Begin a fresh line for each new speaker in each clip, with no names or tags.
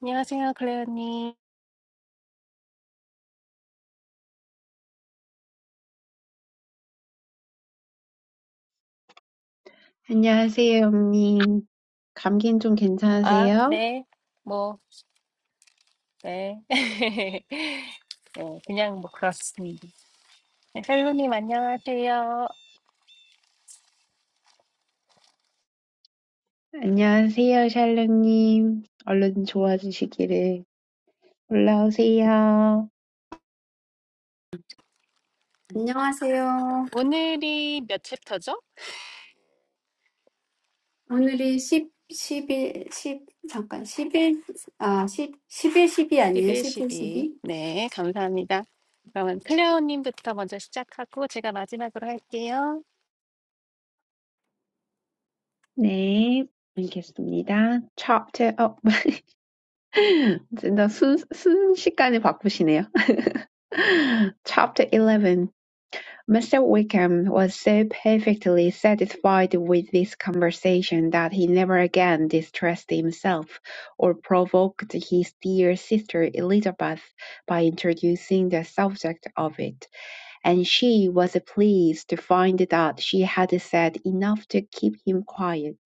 안녕하세요, 클레어님.
안녕하세요, 영님. 감기는 좀
아,
괜찮으세요?
네, 뭐, 네. 네, 그냥 뭐 그렇습니다. 네, 헬로님, 안녕하세요.
안녕하세요, 샬롱님. 얼른 좋아지시기를. 올라오세요.
안녕하세요.
오늘이 몇 챕터죠?
오늘이 십 십일 십 잠깐, 십일 아, 십 십일 십이 아니에요?
11,
십일
12.
십이.
네, 감사합니다. 그러면 클레어님부터 먼저 시작하고 제가 마지막으로 할게요.
네, 알겠습니다. Chapter up. 진짜 순, 순식간에 바꾸시네요. Chapter 11. Mr. Wickham was so perfectly satisfied with this conversation that he never again distressed himself, or provoked his dear sister Elizabeth by introducing the subject of it; and she was pleased to find that she had said enough to keep him quiet.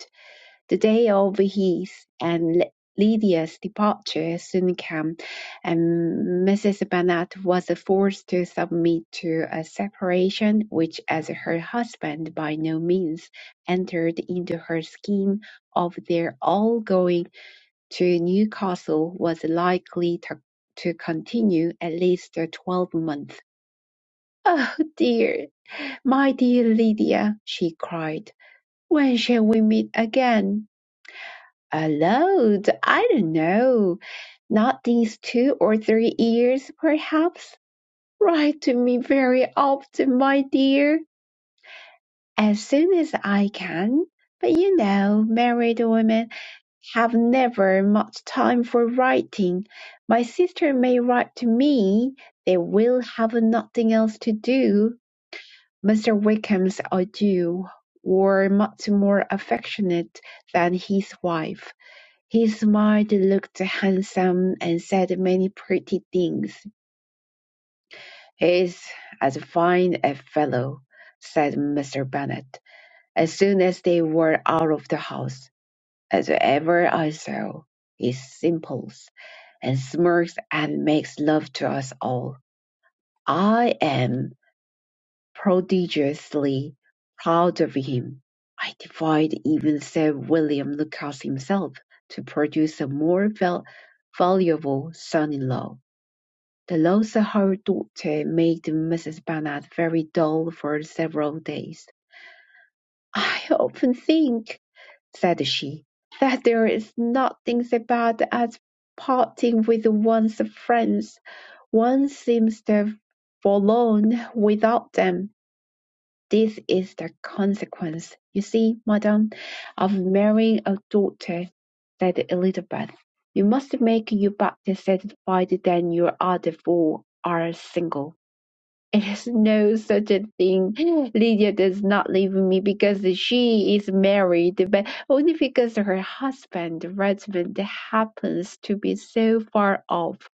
The day of his and Lydia's departure soon came, and Mrs. Bennet was forced to submit to a separation which, as her husband by no means entered into her scheme of their all going to Newcastle, was likely to, to continue at least twelve months. Oh dear, my dear Lydia, she cried, when shall we meet again? a load. I don't know. Not these two or three years, perhaps. Write to me very often, my dear, as soon as I can. But you know, married women have never much time for writing. My sister may write to me. They will have nothing else to do. Mr. Wickham's adieu were much more affectionate than his wife he smiled, looked handsome, and said many pretty things. "He's as fine a fellow," said Mr. Bennet, as soon as they were out of the house, "as ever I saw. He simpers, and smirks, and makes love to us all. I am prodigiously proud of him. I defied even Sir William Lucas himself to produce a more val- valuable son-in-law. The loss of her daughter made Mrs. Bennet very dull for several days. "I often think," said she, "that there is nothing so bad as parting with one's friends; one seems so forlorn without them. This is the consequence, you see, madam, of marrying a daughter," said Elizabeth. "You must make your better satisfied than your other four are single." It is no such a thing. Lydia does not leave me because she is married, but only because her husband, Redmond, happens to be so far off.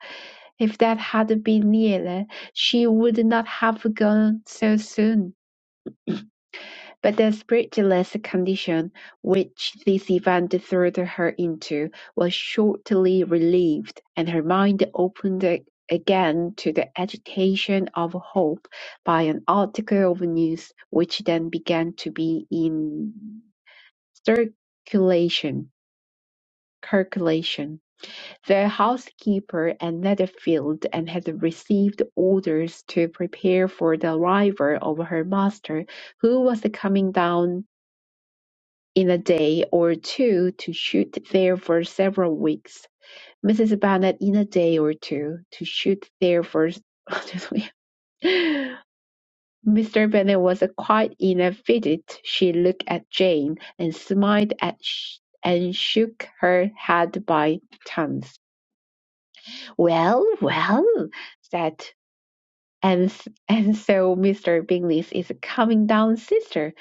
If that had been nearer, she would not have gone so soon. But the spiritless condition which this event threw her into was shortly relieved, and her mind opened a- again to the agitation of hope by an article of news which then began to be in circulation. Circulation. The housekeeper at Netherfield and had received orders to prepare for the arrival of her master, who was coming down in a day or two to shoot there for several weeks. Mrs. Bennet in a day or two to shoot there for. Mr. Bennet was quite in a fidget. She looked at Jane and smiled at sh- and shook her head by turns. Well, well, said And, and so Mr. Bingley is coming down, sister,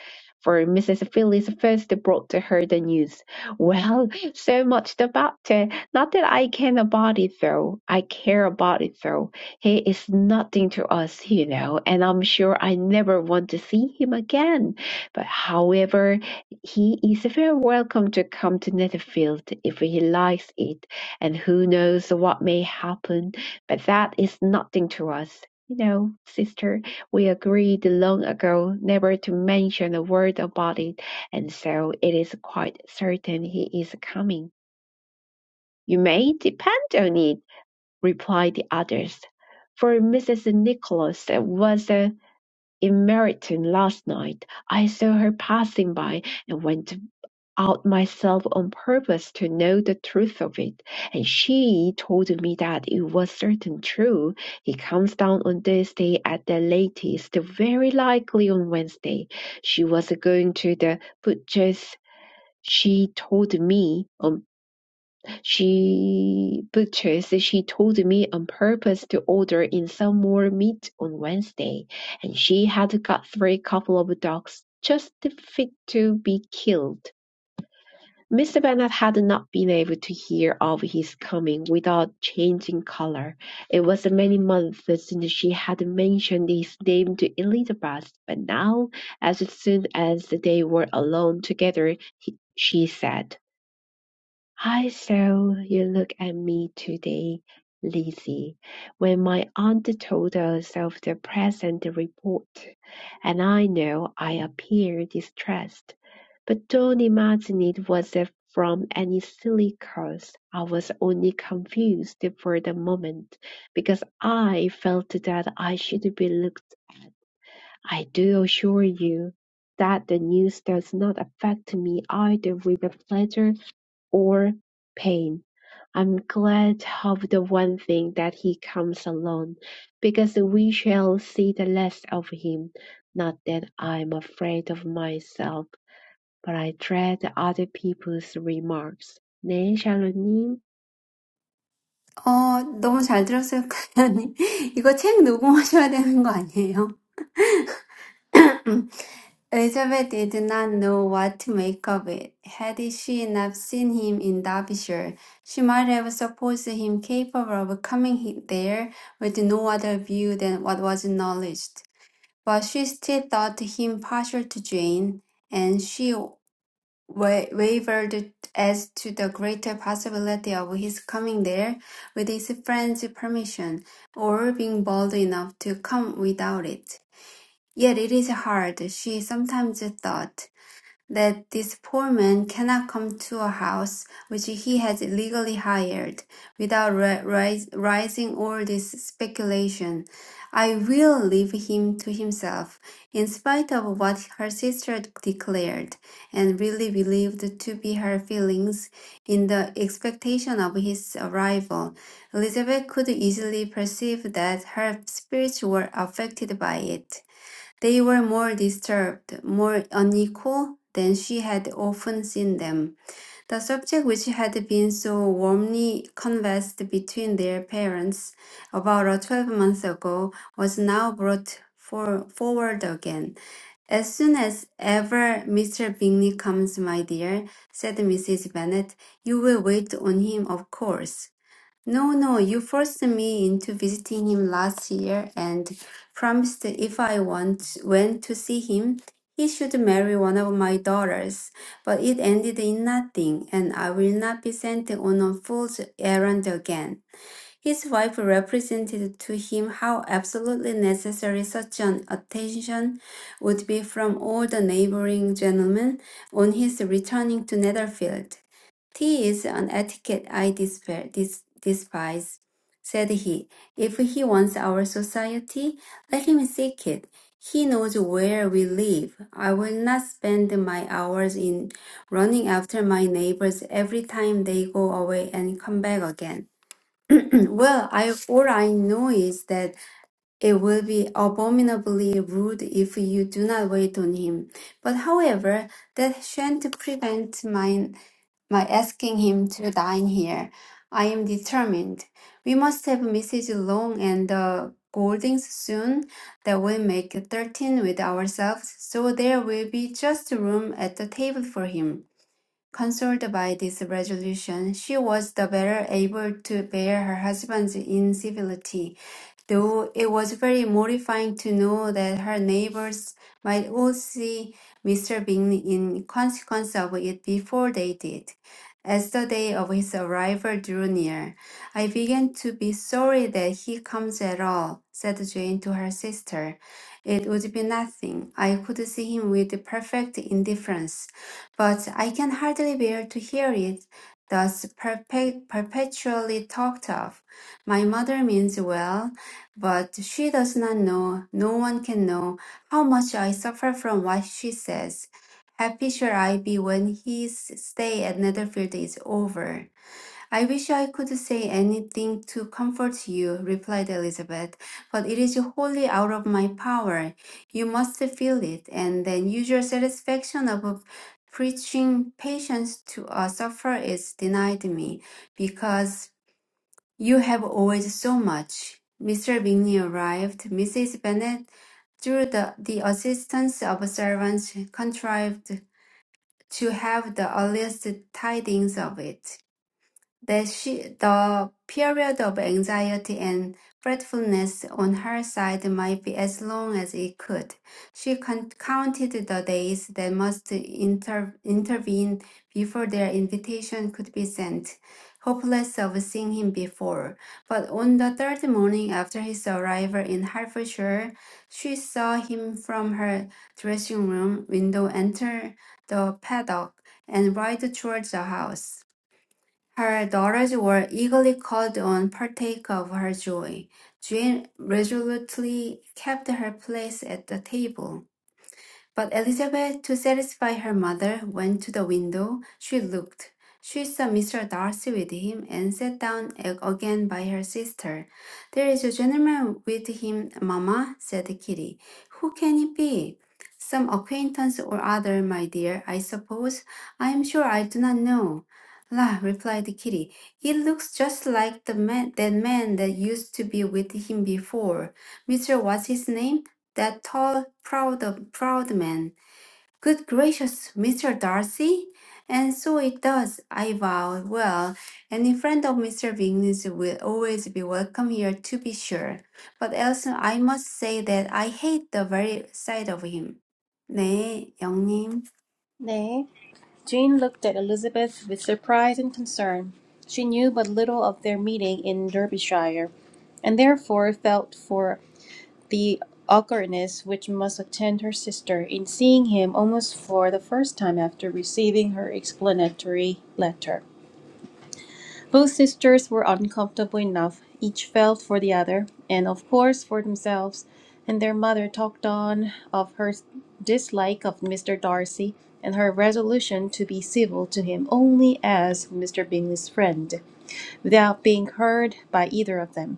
for Mrs. Phillips first brought to her the news. Well, so much the better. Not that I can about it though. I care about it though. He is nothing to us, you know, and I'm sure I never want to see him again. But however, he is very welcome to come to Netherfield if he likes it, and who knows what may happen. But that is nothing to us. You know, sister, we agreed long ago never to mention a word about it, and so it is quite certain he is coming. You may depend on it, replied the others, for Mrs. Nicholas was uh, in Meryton last night. I saw her passing by and went out myself on purpose to know the truth of it, and she told me that it was certain true. He comes down on Thursday at the latest, very likely on Wednesday. She was going to the butcher's. She told me um she butchers she told me on purpose to order in some more meat on Wednesday, and she had got three couple of dogs just fit to be killed Mr. Bennet had not been able to hear of his coming without changing colour. It was many months since she had mentioned his name to Elizabeth, but now, as soon as they were alone together, he, she said. I saw you look at me today, Lizzie, when my aunt told us of the present report, and I know I appeared distressed, but don't imagine it was uh, from any silly cause. I was only confused for the moment, because I felt that I should be looked. I do assure you that the news does not affect me either with pleasure or pain. I'm glad of the one thing that he comes alone, because we shall see the last of him. Not that I'm afraid of myself, but I dread other people's remarks. 네, 샬로님.
어, 너무 잘 들었어요, 클라님. 이거 책 녹음하셔야 되는 거 아니에요? Elizabeth did not know what to make of it. Had she not seen him in Derbyshire, she might have supposed him capable of coming he- there with no other view than what was acknowledged. but she still thought him partial to Jane, and she wa- wavered as to the greater possibility of his coming there with his friend's permission, or being bold enough to come without it. Yet it is hard, she sometimes thought, that this poor man cannot come to a house which he has illegally hired without ri- rising all this speculation. I will leave him to himself, in spite of what her sister declared and really believed to be her feelings in the expectation of his arrival. Elizabeth could easily perceive that her spirits were affected by it. They were more disturbed, more unequal than she had often seen them. The subject which had been so warmly conversed between their parents about a twelve months ago was now brought for, forward again. As soon as ever Mr. Bingley comes, my dear, said Mrs. Bennet, you will wait on him, of course. No, no, you forced me into visiting him last year and promised that if I want went to see him, he should marry one of my daughters. But it ended in nothing, and I will not be sent on a fool's errand again. His wife represented to him how absolutely necessary such an attention would be from all the neighboring gentlemen on his returning to Netherfield. Tea is an etiquette I despair, dis, despise, said he. If he wants our society, let him seek it. He knows where we live. I will not spend my hours in running after my neighbors every time they go away and come back again. Well, I all I know is that it will be abominably rude if you do not wait on him. But however, that shan't prevent my my asking him to dine here. I am determined. We must have Mrs. Long and the Goldings soon. That will make thirteen with ourselves, so there will be just room at the table for him. Consoled by this resolution, she was the better able to bear her husband's incivility, though it was very mortifying to know that her neighbors might all see Mr. Bing in consequence of it before they did. As the day of his arrival drew near, I began to be sorry that he comes at all, said Jane to her sister. It would be nothing. I could see him with perfect indifference but I can hardly bear to hear it thus perpe- perpetually talked of. My mother means well, but she does not know, no one can know, how much I suffer from what she says. Happy shall I be when his stay at Netherfield is over. I wish I could say anything to comfort you, replied Elizabeth, but it is wholly out of my power. You must feel it, and then use your satisfaction of preaching patience to a sufferer is denied me, because you have always so much. Mr. Bingley arrived. Mrs. Bennet, through the, the assistance of servants, contrived to have the earliest tidings of it. The, she, the period of anxiety and fretfulness on her side might be as long as it could. She con- counted the days that must inter- intervene before their invitation could be sent, hopeless of seeing him before. But on the third morning after his arrival in Hertfordshire, she saw him from her dressing room window enter the paddock and ride towards the house. Her daughters were eagerly called on to partake of her joy. Jane resolutely kept her place at the table. But Elizabeth, to satisfy her mother, went to the window. She looked. She saw Mr. Darcy with him and sat down again by her sister. There is a gentleman with him, mamma, said Kitty. Who can it be? Some acquaintance or other, my dear, I suppose. I am sure I do not know. La, replied Kitty, he looks just like the man, that man that used to be with him before. Mr. What's his name? that tall, proud, proud man. Good gracious, Mr. Darcy! And so it does, I vow. Well, any friend of Mr. Bingley's will always be welcome here, to be sure. But else, I must say that I hate the very sight of him. 네, 영님.
Nay, Jane looked at Elizabeth with surprise and concern. She knew but little of their meeting in Derbyshire, and therefore felt for the awkwardness which must attend her sister in seeing him almost for the first time after receiving her explanatory letter. Both sisters were uncomfortable enough. Each felt for the other, and of course for themselves, and their mother talked on of her dislike of Mr. Darcy and her resolution to be civil to him only as Mr. Bingley's friend, without being heard by either of them.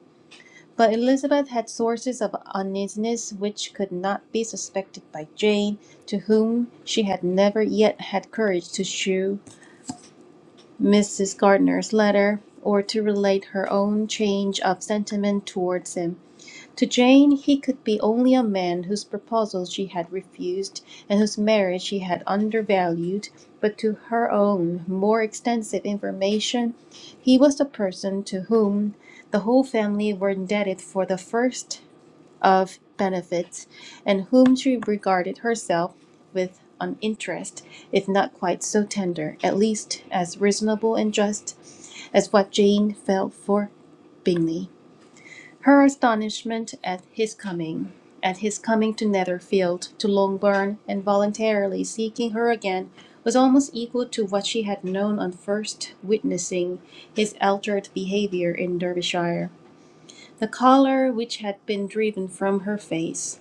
But Elizabeth had sources of uneasiness which could not be suspected by Jane, to whom she had never yet had courage to shew Mrs. Gardiner's letter, or to relate her own change of sentiment towards him. To Jane he could be only a man whose proposal she had refused, and whose marriage she had undervalued, but to her own more extensive information he was the person the whole family were indebted for the first of benefits, and whom she regarded herself with an interest, if not quite so tender, at least as reasonable and just as what Jane felt for Bingley. Her astonishment at his coming, at his coming to Netherfield, to Longbourn, and voluntarily seeking her again, was almost equal to what she had known on first witnessing his altered behaviour in Derbyshire. The colour which had been driven from her face,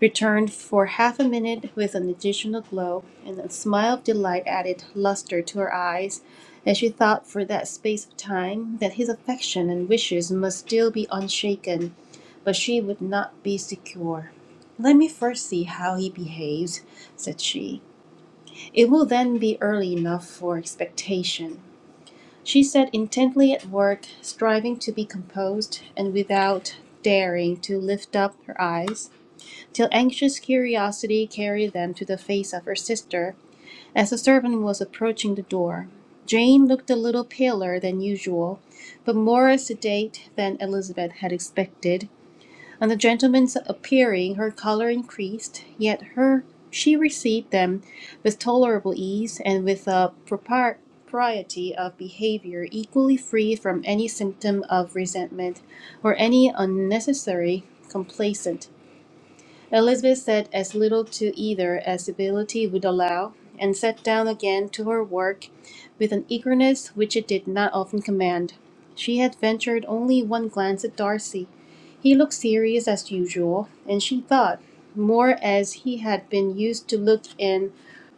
returned for half a minute with an additional glow, and a smile of delight added luster to her eyes as she thought for that space of time that his affection and wishes must still be unshaken, but she would not be secure. Let me first see how he behaves, said she. It will then be early enough for expectation. She sat intently at work, striving to be composed and without daring to lift up her eyes till anxious curiosity carried them to the face of her sister as the servant was approaching the door. Jane looked a little paler than usual, but more sedate than Elizabeth had expected. On the gentlemen's appearing, her colour increased, yet her she received them with tolerable ease and with a propriety of behaviour equally free from any symptom of resentment or any unnecessary complacence. Elizabeth said as little to either as ability would allow, and sat down again to her work with an eagerness which it did not often command. She had ventured only one glance at Darcy. He looked serious as usual, and she thought, more as he had been used to look in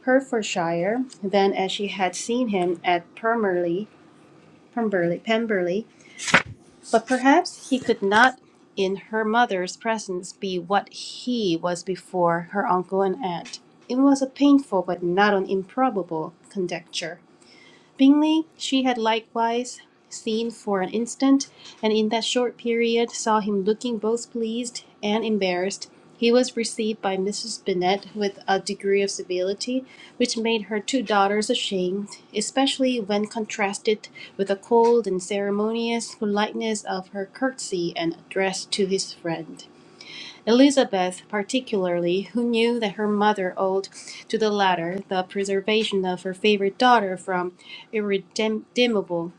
Herefordshire than as she had seen him at Pemberley, Pemberley, Pemberley but perhaps he could not, in her mother's presence, be what he was before her uncle and aunt. It was a painful but not an improbable conjecture. Bingley she had likewise seen for an instant, and in that short period saw him looking both pleased and embarrassed. He was received by Mrs. Bennet with a degree of civility which made her two daughters ashamed, especially when contrasted with the cold and ceremonious politeness of her curtsy and address to his friend. Elizabeth, particularly, who knew that her mother owed to the latter the preservation of her favorite daughter from irredeemable,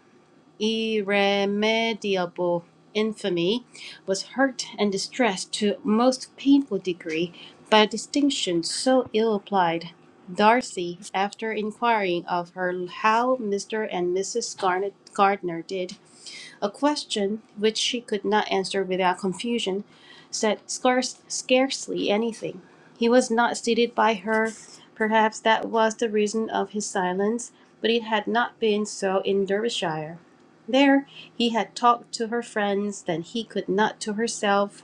irremediable infamy, was hurt and distressed to a most painful degree by a distinction so ill applied. Darcy, after inquiring of her how Mr. and Mrs. Garnet Gardner did, a question which she could not answer without confusion, said scarce, scarcely anything. He was not seated by her. Perhaps that was the reason of his silence, but it had not been so in Derbyshire. There he had talked to her friends, then he could not to herself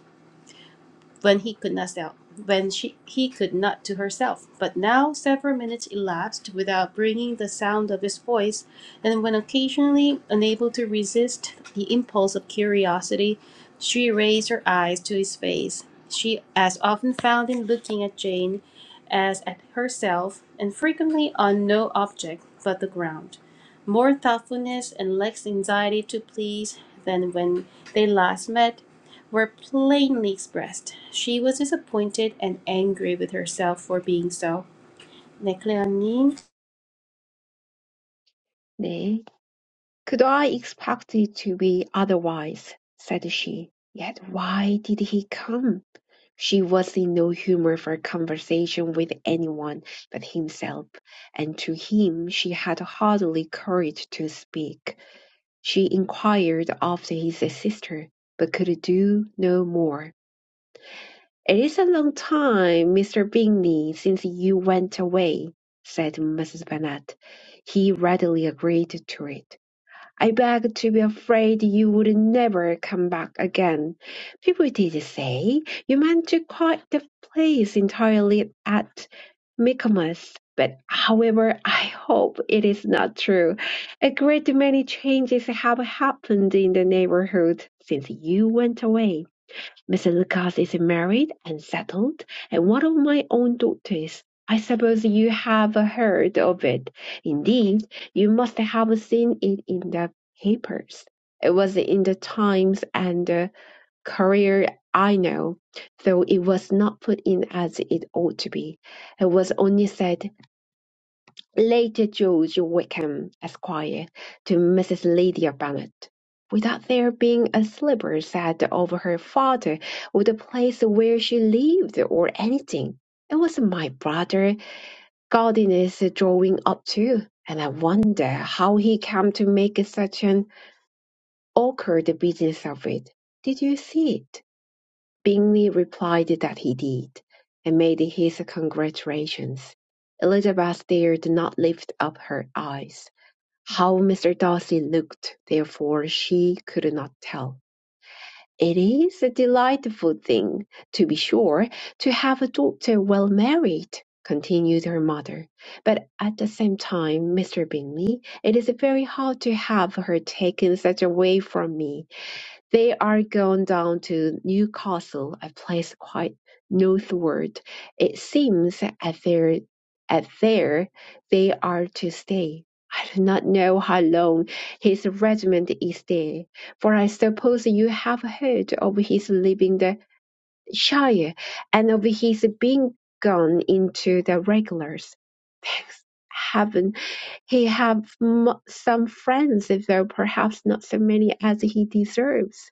when he could not sell when she he could not to herself but now several minutes elapsed without bringing the sound of his voice and when occasionally unable to resist the impulse of curiosity she raised her eyes to his face she as often found him looking at jane as at herself and frequently on no object but the ground more thoughtfulness and less anxiety to please than when they last met were plainly expressed. She was disappointed and angry with herself for being so. 네, 클레어님.
네. Could I expect it to be otherwise? said she. Yet why did he come? She was in no humour for conversation with anyone but himself, and to him she had hardly courage to speak. She inquired after his sister, but could do no more. "It is a long time, Mr. Bingley, since you went away," said Mrs. Bennet. He readily agreed to it. I beg to be afraid you would never come back again. People did say you meant to quit the place entirely at Michaelmas, but however, I hope it is not true. A great many changes have happened in the neighborhood since you went away. Mr. Lucas is married and settled, and one of my own daughters. I suppose you have heard of it. Indeed, you must have seen it in the papers. It was in the Times and the Courier, I know, though it was not put in as it ought to be. It was only said later George Wickham, Esquire, to Mrs. Lydia Bennet, without there being a syllable said over her father, or the place where she lived, or anything. It was my brother Gardiner's drawing up too, and I wonder how he came to make such an awkward business of it. Did you see it? Bingley replied that he did, and made his congratulations. Elizabeth dare did not lift up her eyes. How Mr. Darcy looked, therefore, she could not tell. It is a delightful thing, to be sure, to have a daughter well married, continued her mother, but at the same time, Mr. Bingley, it is very hard to have her taken such away from me. They are gone down to Newcastle, a place quite northward. It seems at their at there they are to stay. I do not know how long his regiment is there, for I suppose you have heard of his leaving the Shire and of his being gone into the regulars. Thanks heaven he have m- some friends, though perhaps not so many as he deserves.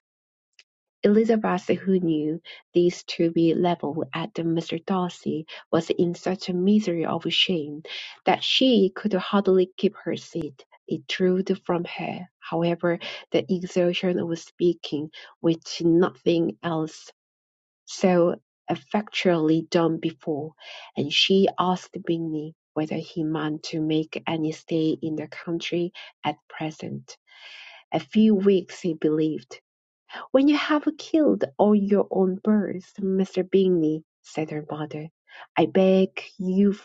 Elizabeth, who knew this to be levelled at Mr. Darcy, was in such a misery of shame that she could hardly keep her seat. It drooled from her, however, the exertion of speaking, which nothing else so effectually done before, and she asked Bingley whether he meant to make any stay in the country at present. A few weeks, he believed, "When you have killed all your own birds, Mr. Bingley," said her mother, "I beg you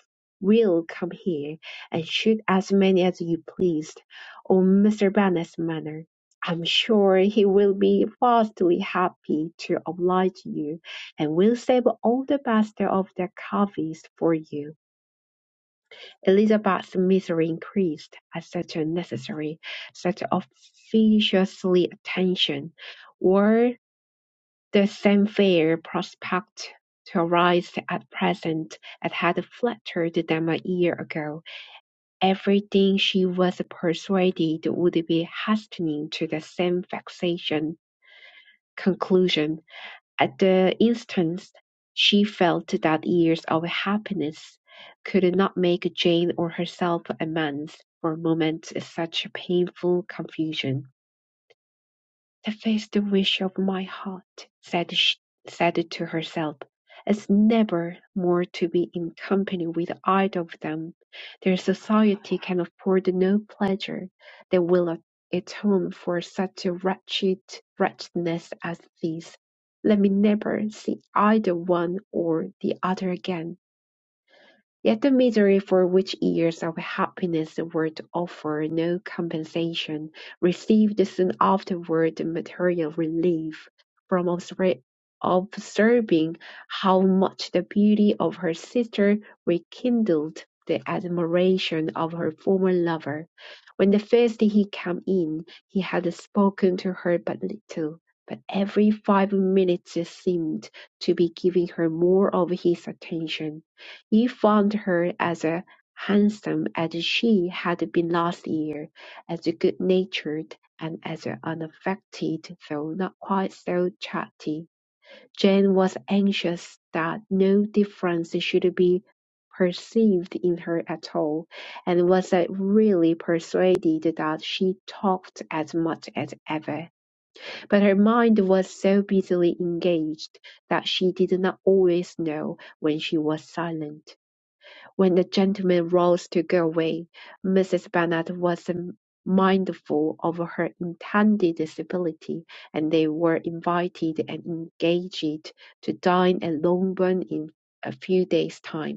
will come here, and shoot as many as you please on Mr. Bennet's manor. I am sure he will be vastly happy to oblige you, and will save all the best of the coveys for you." Elizabeth's misery increased at such unnecessary, such officious attention. or the same fair prospect to arise at present that had flattered them a year ago; everything she was persuaded would be hastening to the same vexation conclusion, at the instant she felt that years of happiness could not make Jane or herself amends for moments such painful confusion. "The face the wish of my heart," said she, said to herself, "is never more to be in company with either of them; their society can afford no pleasure that will atone for such a wretched wretchedness as this. Let me never see either one or the other again. Yet the misery for which years of happiness were to offer no compensation received soon afterward the material relief from obser- observing how much the beauty of her sister rekindled the admiration of her former lover. When the first he came in, he had spoken to her but little, but every five minutes seemed to be giving her more of his attention. He found her as handsome as she had been last year, as good-natured, and as unaffected, though not quite so chatty. Jane was anxious that no difference should be perceived in her at all, and was uh, really persuaded that she talked as much as ever. But her mind was so busily engaged that she did not always know when she was silent. When the gentleman rose to go away, Mrs. Bennet was mindful of her intended disability, and they were invited and engaged to dine at Longbourn in a few days' time.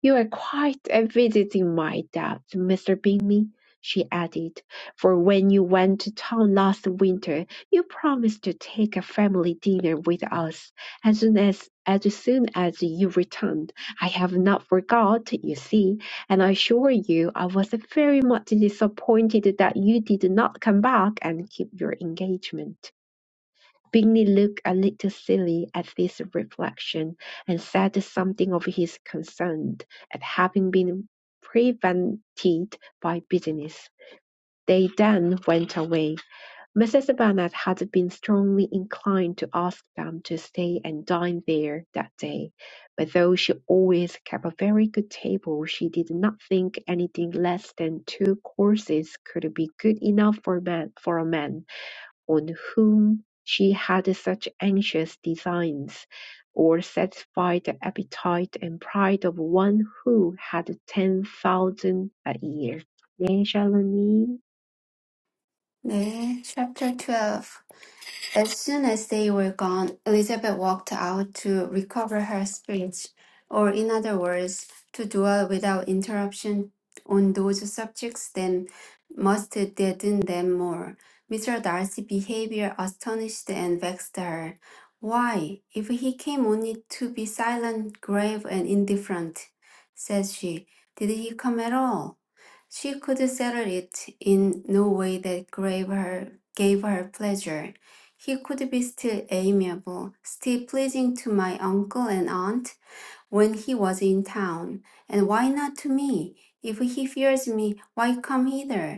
"You are quite a visiting my depth, Mr. Bingley," she added, "for when you went to town last winter you promised to take a family dinner with us as soon as as soon as you returned. I have not forgot, you see, and I assure you I was very much disappointed that you did not come back and keep your engagement." Bingley looked a little silly at this reflection, and said something of his concern at having been prevented by business. They then went away. Mrs. Bennet had been strongly inclined to ask them to stay and dine there that day, but though she always kept a very good table, she did not think anything less than two courses could be good enough for a man for a man on whom she had such anxious designs, or satisfy the appetite and pride of one who had ten thousand a year. 네, 샬로님.
네, chapter 12. As soon as they were gone, Elizabeth walked out to recover her spirits, or in other words, to dwell without interruption on those subjects that must deaden them more. Mr. Darcy's behavior astonished and vexed her. Why, if he came only to be silent, grave, and indifferent, said she, did he come at all? She could settle it in no way that gave her, gave her pleasure. He could be still amiable, still pleasing to my uncle and aunt when he was in town, and why not to me? If he fears me, why come hither?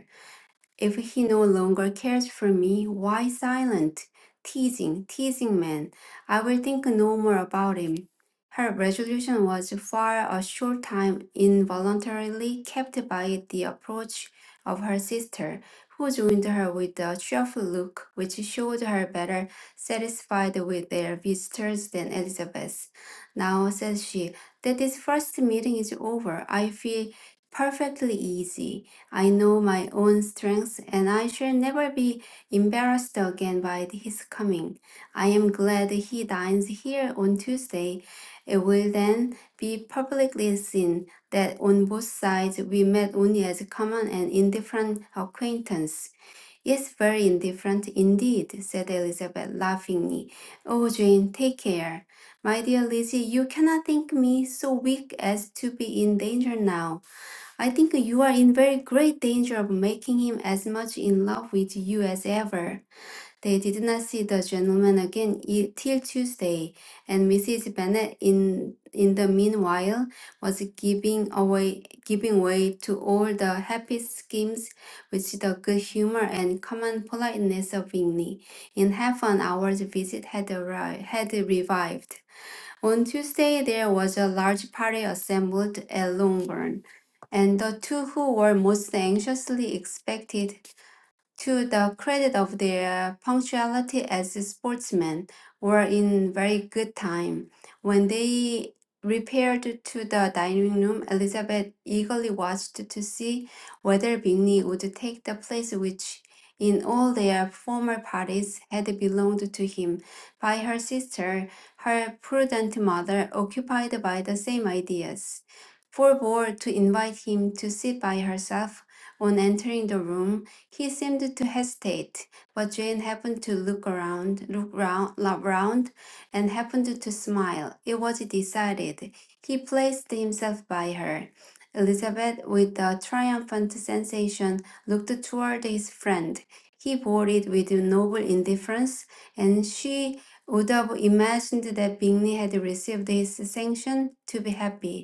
If he no longer cares for me, why silent? Teasing, teasing man. I will think no more about him. Her resolution was for a short time involuntarily kept by the approach of her sister, who joined her with a cheerful look which showed her better satisfied with their visitors than Elizabeth. Now, says she, that this first meeting is over, I feel perfectly easy. I know my own strength, and I shall never be embarrassed again by his coming. I am glad he dines here on Tuesday. It will then be publicly seen that on both sides we met only as a common and indifferent acquaintance. Yes, very indifferent indeed, said Elizabeth laughingly. Oh, Jane, take care. My dear Lizzie, you cannot think me so weak as to be in danger now. I think you are in very great danger of making him as much in love with you as ever. They did not see the gentleman again i- till Tuesday, and Mrs. Bennet, in in the meanwhile, was giving away giving way to all the happy schemes which the good humor and common politeness of Bingley, in half an hour's visit, had arrived, had revived. On Tuesday, there was a large party assembled at Longbourn, and the two who were most anxiously expected to the credit of their punctuality as sportsmen, were in very good time. When they repaired to the dining room, Elizabeth eagerly watched to see whether Bingley would take the place which, in all their former parties, had belonged to him by her sister, her prudent mother, occupied by the same ideas. Forbore to invite him to sit by herself on entering the room, he seemed to hesitate, but Jane happened to look around, look round, la- round, and happened to smile. It was decided. He placed himself by her. Elizabeth, with a triumphant sensation, looked toward his friend. He bore it with noble indifference, and she would have imagined that Bingley had received his sanction to be happy.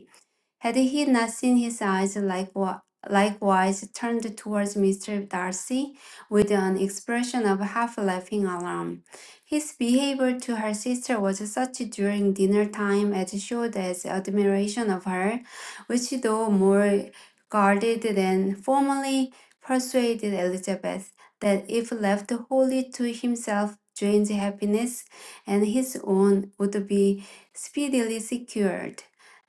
Had he not seen his eyes likewise, likewise turned towards Mr. Darcy with an expression of half laughing alarm? His behavior to her sister was such during dinner time as showed as admiration of her, which though more guarded than formerly persuaded Elizabeth that if left wholly to himself, Jane's happiness and his own would be speedily secured.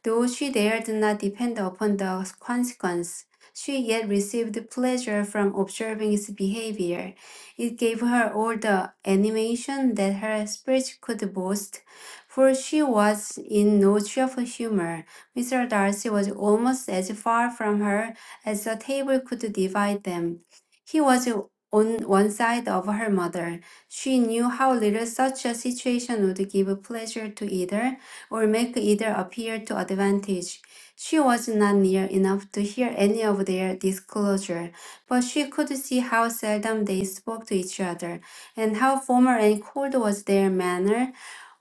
Though she dared not depend upon the consequence, she yet received pleasure from observing its behavior. It gave her all the animation that her spirit could boast, for she was in no cheerful humor. Mr. Darcy was almost as far from her as the table could divide them. He was on one side of her mother. She knew how little such a situation would give pleasure to either, or make either appear to advantage. She was not near enough to hear any of their disclosure, but she could see how seldom they spoke to each other, and how formal and cold was their manner.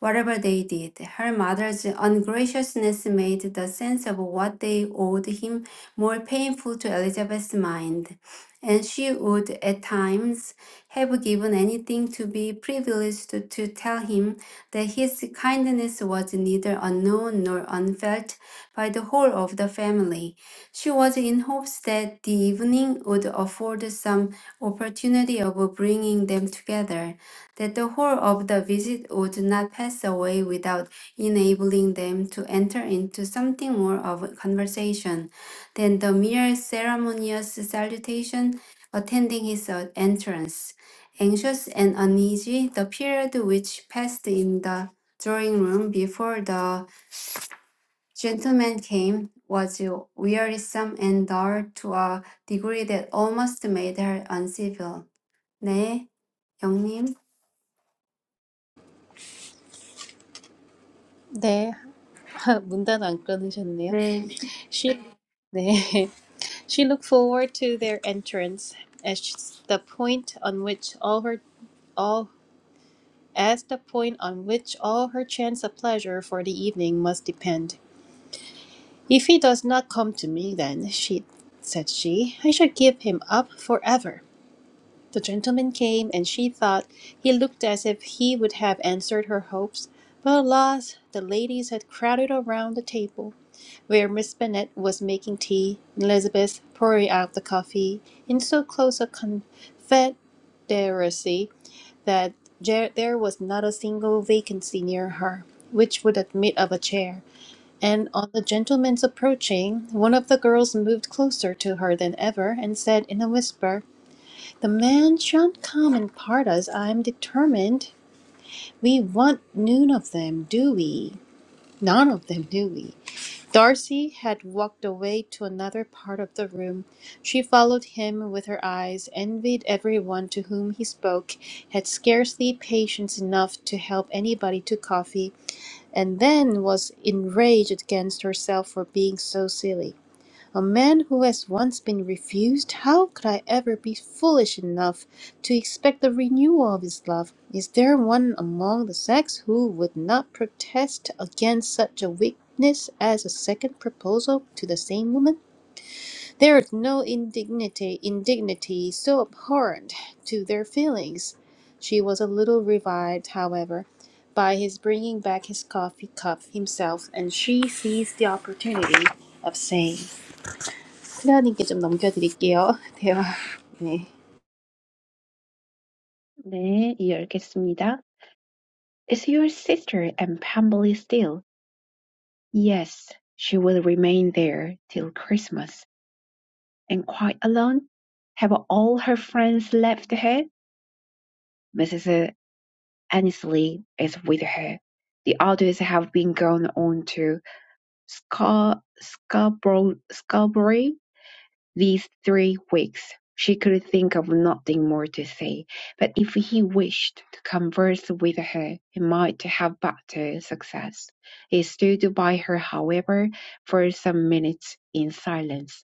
Whatever they did, her mother's ungraciousness made the sense of what they owed him more painful to Elizabeth's mind, and she would at times have given anything to be privileged to tell him that his kindness was neither unknown nor unfelt by the whole of the family. She was in hopes that the evening would afford some opportunity of bringing them together, that the whole of the visit would not pass away without enabling them to enter into something more of a conversation than the mere ceremonious salutation attending his uh, entrance. Anxious and uneasy, the period which passed in the drawing room before the gentleman came was wearisome and dull to a degree that almost made her uncivil. 네, 영님.
네, 문 닫아 안 끊으셨네요.
네,
She, 네. she looked forward to their entrance as the point on which all her all as the point on which all her chance of pleasure for the evening must depend. If he does not come to me, then she said she, I shall give him up forever. The gentleman came, and she thought he looked as if he would have answered her hopes, but alas! the ladies had crowded around the table, where Miss Bennet was making tea, and Elizabeth pouring out the coffee, in so close a confederacy that there there was not a single vacancy near her which would admit of a chair, and on the gentleman's approaching, one of the girls moved closer to her than ever, and said in a whisper, the man shan't come and part us, I'm determined. We want none of them, do we? None of them, do we? Darcy had walked away to another part of the room. She followed him with her eyes, envied everyone to whom he spoke, had scarcely patience enough to help anybody to coffee, and then was enraged against herself for being so silly. A man who has once been refused, how could I ever be foolish enough to expect the renewal of his love? Is there one among the sex who would not protest against such a weakness as a second proposal to the same woman? There is no indignity, indignity so abhorrent to their feelings. She was a little revived, however, by his bringing back his coffee cup himself, and she seized the opportunity of saying. 클레어님께 좀 넘겨드릴게요. 대화. 네.
네, 이해하겠습니다. Is your sister in Pemberley still? Yes, she will remain there till Christmas. And quite alone? Have all her friends left her? Mrs. Annesley is with her. The others have been gone on to. Scarberry these three weeks. She could think of nothing more to say, but if he wished to converse with her, he might have better success. He stood by her, however, for some minutes in silence,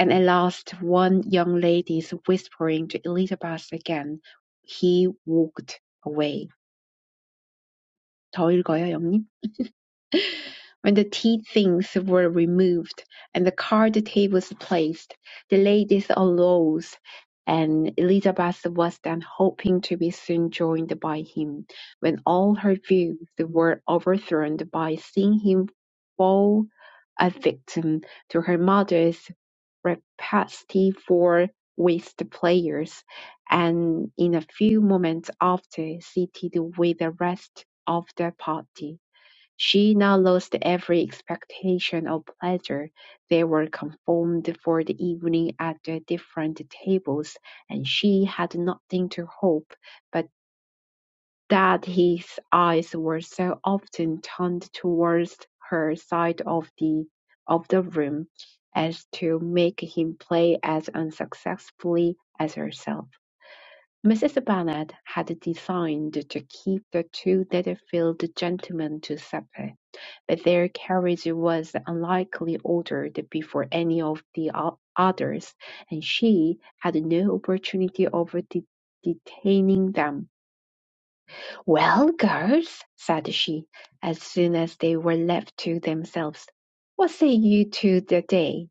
and at last one young lady's whispering to Elizabeth again, he walked away. 더 읽어요, 영님? When the tea things were removed and the card tables placed, the ladies arose, and Elizabeth was then hoping to be soon joined by him, when all her views were overthrown by seeing him fall a victim to her mother's rapacity for whist players, and in a few moments after seated with the rest of the party. She now lost every expectation of pleasure; they were conformed for the evening at their different tables, and she had nothing to hope but that his eyes were so often turned towards her side of the of the room, as to make him play as unsuccessfully as herself. Mrs. Bennet had designed to keep the two Netherfield gentlemen to supper but their carriage was unlikely ordered before any of the others, and she had no opportunity of de- detaining them. "Well, girls," said she, as soon as they were left to themselves, "what say you to the day?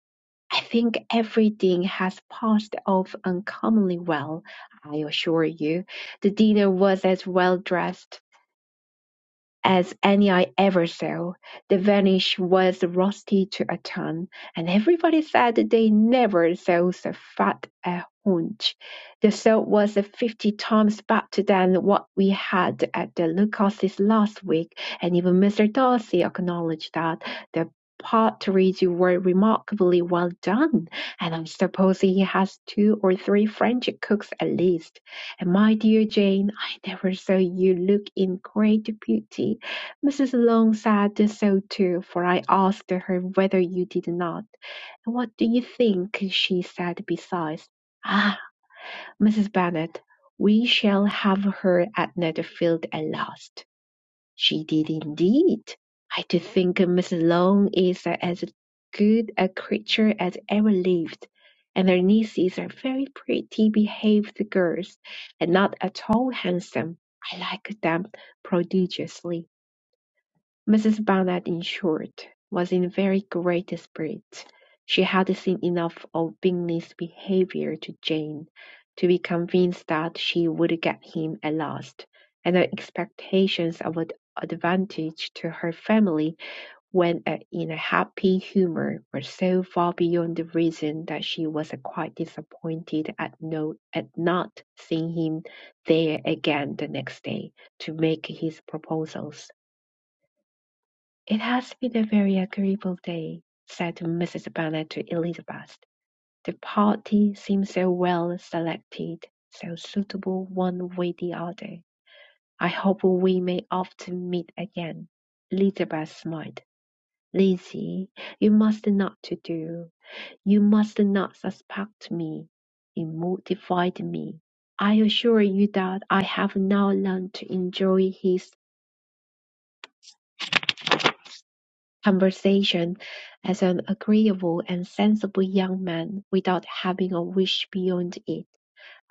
I think everything has passed off uncommonly well, I assure you. The dinner was as well dressed as any I ever saw. The varnish was rusty to a ton, and everybody said that they never saw so fat a haunch. The salt was fifty times better than what we had at the Lucas's last week, and even Mr. Darcy acknowledged that the partridge were remarkably well done, and I suppose he has two or three French cooks at least. And my dear Jane, I never saw you look in greater beauty. Mrs. Long said so too, for I asked her whether you did not. And what do you think? she said besides. Ah, Mrs. Bennet, we shall have her at Netherfield at last. She did indeed. I do think Miss Long is as good a creature as ever lived, and her nieces are very pretty behaved girls, and not at all handsome. I like them prodigiously. Mrs. Barnett, in short, was in very great spirits; she had seen enough of Bingley's behaviour to Jane to be convinced that she would get him at last, and her expectations of an advantage to her family when in a happy humour were so far beyond the reason that she was quite disappointed at no at not seeing him there again the next day to make his proposals. "It has been a very agreeable day," said Mrs. Bennet to Elizabeth; "the party seems so well selected, so suitable one with the other. I hope we may often meet again." Elizabeth smiled. "Lizzie, you must not to do. You must not suspect me. It mortified me. I assure you that I have now learned to enjoy his conversation as an agreeable and sensible young man, without having a wish beyond it.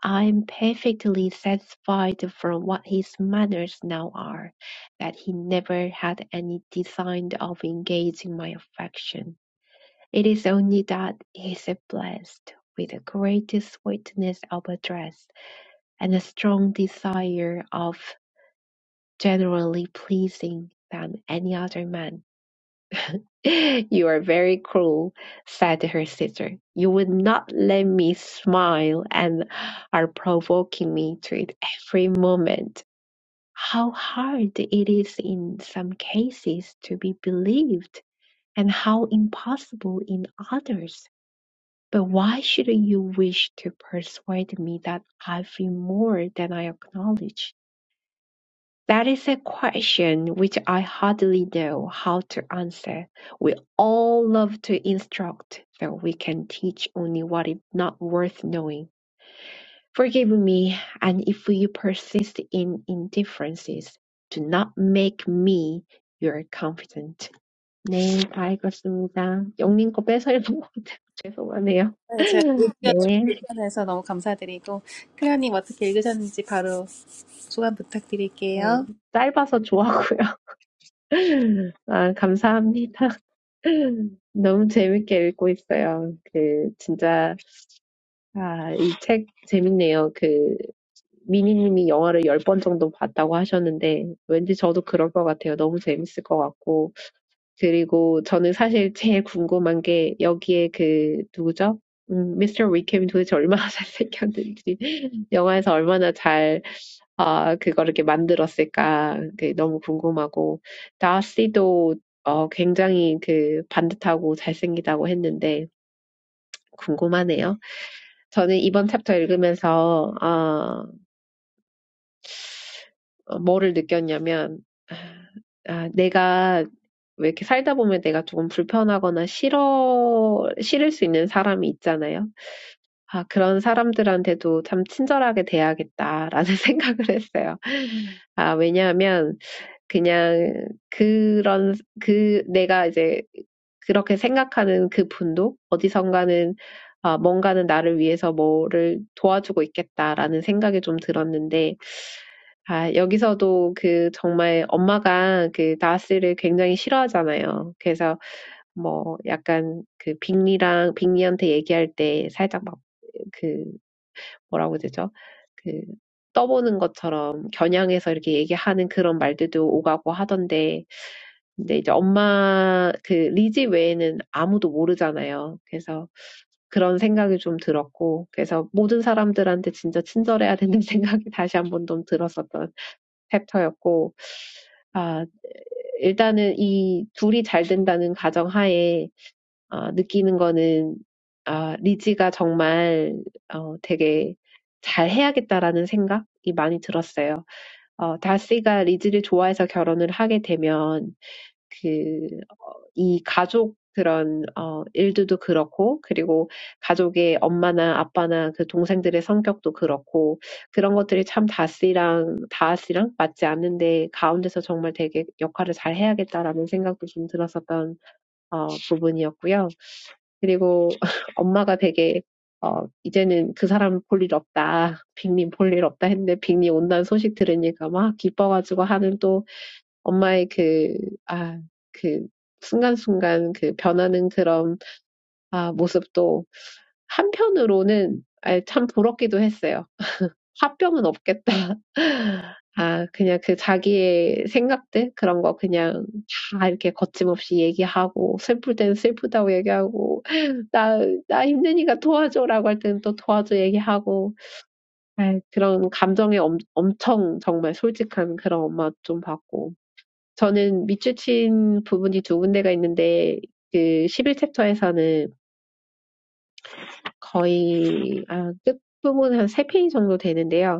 I am perfectly satisfied from what his manners now are, that he never had any design of engaging my affection. It is only that he is blessed with the greatest sweetness of address and a strong desire of generally pleasing than any other man You are very cruel, said her sister. You would not let me smile and are provoking me to it every moment. How hard it is in some cases to be believed, and how impossible in others. But why should you wish to persuade me that I feel more than I acknowledge? That is a question which I hardly know how to answer. We all love to instruct, though we can teach only what is not worth knowing. Forgive me, and if you persist in indifferences, do not make me your confidant. 네, 다 읽었습니다. 영님 거 뺏어요. 죄송하네요.
네, 제가 읽기가 좀
네,
불편해서 너무 감사드리고 클레어님 어떻게 읽으셨는지 바로 소감
어,
부탁드릴게요.
짧아서 좋았고요. 아, 감사합니다. 너무 재밌게 읽고 있어요. 그, 진짜, 아, 이 책 재밌네요. 그, 미니님이 영화를 열 번 정도 봤다고 하셨는데, 왠지 저도 그럴 것 같아요. 너무 재밌을 것 같고. 그리고 저는 사실 제일 궁금한 게, 여기에 그, 누구죠? 음, 미스터 위켐이 도대체 얼마나 잘생겼는지, 영화에서 얼마나 잘 아 그거를 이렇게 만들었을까 그 너무 궁금하고 다씨도 어 굉장히 그 반듯하고 잘생기다고 했는데 궁금하네요. 저는 이번 챕터 읽으면서 아 뭐를 느꼈냐면 아 내가 왜 이렇게 살다 보면 내가 조금 불편하거나 싫어 싫을 수 있는 사람이 있잖아요. 아 그런 사람들한테도 참 친절하게 대해야겠다라는 생각을 했어요. 아 왜냐하면 그냥 그런 그 내가 이제 그렇게 생각하는 그 분도 어디선가는 아, 뭔가는 나를 위해서 뭐를 도와주고 있겠다라는 생각이 좀 들었는데, 아, 여기서도 그 정말 엄마가 그 나스를 굉장히 싫어하잖아요. 그래서 뭐 약간 그 빅리랑 빅리한테 얘기할 때 살짝 막 그 뭐라고 되죠? 그 떠보는 것처럼 겨냥해서 이렇게 얘기하는 그런 말들도 오가고 하던데 근데 이제 엄마 그 리지 외에는 아무도 모르잖아요. 그래서 그런 생각이 좀 들었고 그래서 모든 사람들한테 진짜 친절해야 된다는 생각이 다시 한번 좀 들었었던 챕터였고 아 일단은 이 둘이 잘 된다는 가정하에 어, 느끼는 거는 아, 리지가 정말 어, 되게 잘 해야겠다라는 생각이 많이 들었어요. 어, 다시가 리지를 좋아해서 결혼을 하게 되면 그, 이 가족 그런 어, 일들도 그렇고 그리고 가족의 엄마나 아빠나 그 동생들의 성격도 그렇고 그런 것들이 참 다시랑 다아씨랑 맞지 않는데 가운데서 정말 되게 역할을 잘 해야겠다라는 생각도 좀 들었었던 어, 부분이었고요. 그리고 엄마가 되게 어 이제는 그 사람 볼일 없다. 빅님 볼일 없다 했는데 빅님 온다는 소식 들으니까 막 기뻐가지고 하는 또 엄마의 그, 아, 그 순간순간 그 변하는 그런 아, 모습도 한편으로는 아, 참 부럽기도 했어요. 화병은 없겠다. 아, 그냥 그 자기의 생각들 그런 거 그냥 다 이렇게 거침없이 얘기하고 슬플 땐 슬프다고 얘기하고 나, 나 힘드니까 도와줘라고 할 때는 또 도와줘 얘기하고 아, 그런 감정에 엄, 엄청 정말 솔직한 그런 엄마 좀 봤고 저는 밑줄친 부분이 두 군데가 있는데 그 십일 챕터에서는 거의 아, 끝 부분 한세 페이지 정도 되는데요.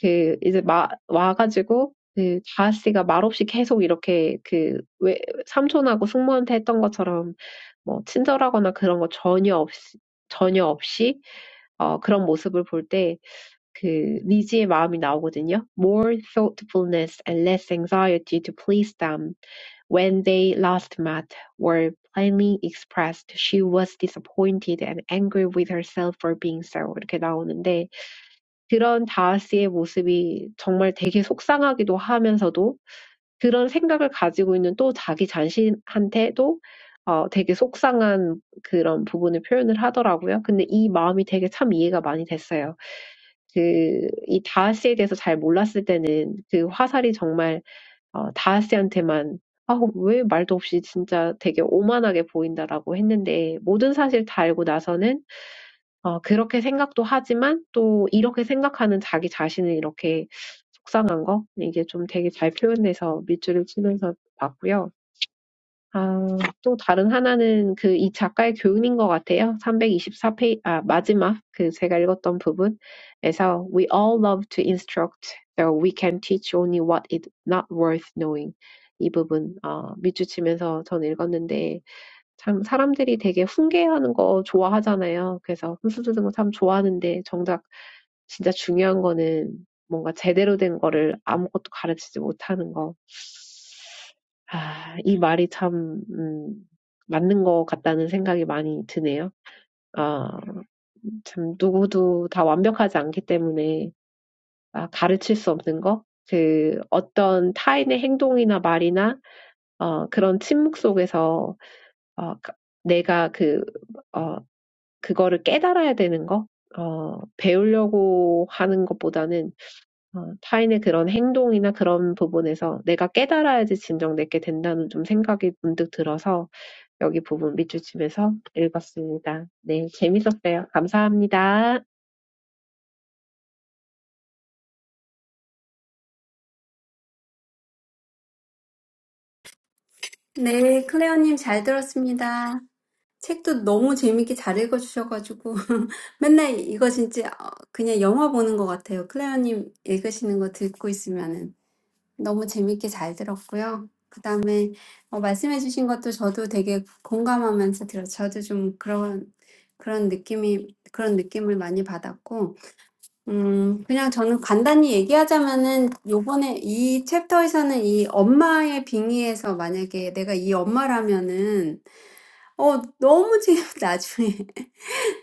그 이제 마 와가지고 그 다하씨가 말없이 계속 이렇게 그 왜 삼촌하고 숙모한테 했던 것처럼 뭐 친절하거나 그런 거 전혀 없이 전혀 없이 어 그런 모습을 볼때그 리지의 마음이 나오거든요. More thoughtfulness and less anxiety to please them. When they last met, were plainly expressed. She was disappointed and angry with herself for being so. 이렇게 나오는데 그런 다하스의 모습이 정말 되게 속상하기도 하면서도 그런 생각을 가지고 있는 또 자기 자신한테도 어, 되게 속상한 그런 부분을 표현을 하더라고요. 근데 이 마음이 되게 참 이해가 많이 됐어요. 그, 이 다하스에 대해서 잘 몰랐을 때는 그 화살이 정말 어 다하스한테만 "아 왜 말도 없이 진짜 되게 오만하게 보인다."라고 했는데 모든 사실 다 알고 나서는 어 그렇게 생각도 하지만 또 이렇게 생각하는 자기 자신을 이렇게 속상한 거 이게 좀 되게 잘 표현돼서 밑줄을 치면서 봤고요. 아, 또 다른 하나는 그이 작가의 교훈인 것 같아요. 324 페이지 아, 마지막 그 제가 읽었던 부분에서 We all love to instruct, though we can teach only what is not worth knowing. 이 부분 어, 밑줄치면서 전 읽었는데 참 사람들이 되게 훈계하는 거 좋아하잖아요. 그래서 훈수두는 거 참 좋아하는데 정작 진짜 중요한 거는 뭔가 제대로 된 거를 아무것도 가르치지 못하는 거. 아, 이 말이 참, 음, 맞는 것 같다는 생각이 많이 드네요. 아, 참, 누구도 다 완벽하지 않기 때문에, 아, 가르칠 수 없는 거? 그, 어떤 타인의 행동이나 말이나, 어, 그런 침묵 속에서, 어, 가- 내가 그, 어, 그거를 깨달아야 되는 거? 어, 배우려고 하는 것보다는, 어, 타인의 그런 행동이나 그런 부분에서 내가 깨달아야지 진정 내게 된다는 좀 생각이 문득 들어서, 여기 부분 밑줄 치면서 읽었습니다. 네, 재밌었어요. 감사합니다.
네, 클레어님 잘 들었습니다. 책도 너무 재밌게 잘 읽어주셔가지고 맨날 이거 진짜 어, 그냥 영화 보는 것 같아요. 클레어님 읽으시는 거 듣고 있으면은. 너무 재밌게 잘 들었고요. 그다음에 어, 말씀해 주신 것도 저도 되게 공감하면서 들었어요. 저도 좀 그런 그런 느낌이 그런 느낌을 많이 받았고 음 그냥 저는 간단히 얘기하자면은 요번에 이 챕터에서는 이 엄마의 빙의에서 만약에 내가 이 엄마라면은 어 너무 지금 나중에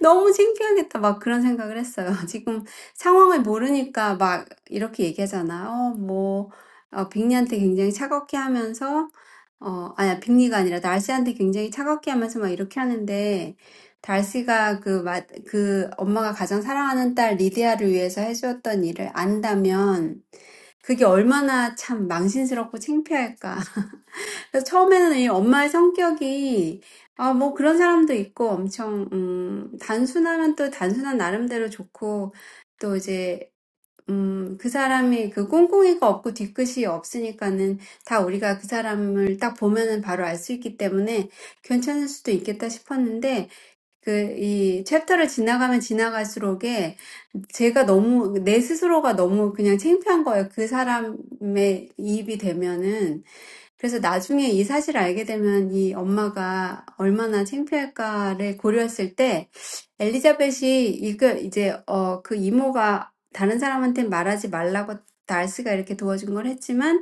너무 창피하겠다. 막 그런 생각을 했어요. 지금 상황을 모르니까 막 이렇게 얘기하잖아. 어뭐어 빅리한테 굉장히 차갑게 하면서 어 아니야 빅리가 아니라 달시한테 굉장히 차갑게 하면서 막 이렇게 하는데 달시가 그마그 엄마가 가장 사랑하는 딸 리디아를 위해서 해주었던 일을 안다면 그게 얼마나 참 망신스럽고 창피할까. 그래서 처음에는 엄마의 성격이 아, 뭐 그런 사람도 있고 엄청 음, 단순하면 또 단순한 나름대로 좋고 또 이제 음, 그 사람이 그 꿍꿍이가 없고 뒤끝이 없으니까는 다 우리가 그 사람을 딱 보면은 바로 알수 있기 때문에 괜찮을 수도 있겠다 싶었는데 그이 챕터를 지나가면 지나갈수록에 제가 너무 내 스스로가 너무 그냥 창피한 거예요. 그 사람의 이입이 되면은 그래서 나중에 이 사실을 알게 되면 이 엄마가 얼마나 창피할까를 고려했을 때 엘리자벳이 이거 이제 어그 이모가 다른 사람한테 말하지 말라고 달스가 이렇게 도와준 걸 했지만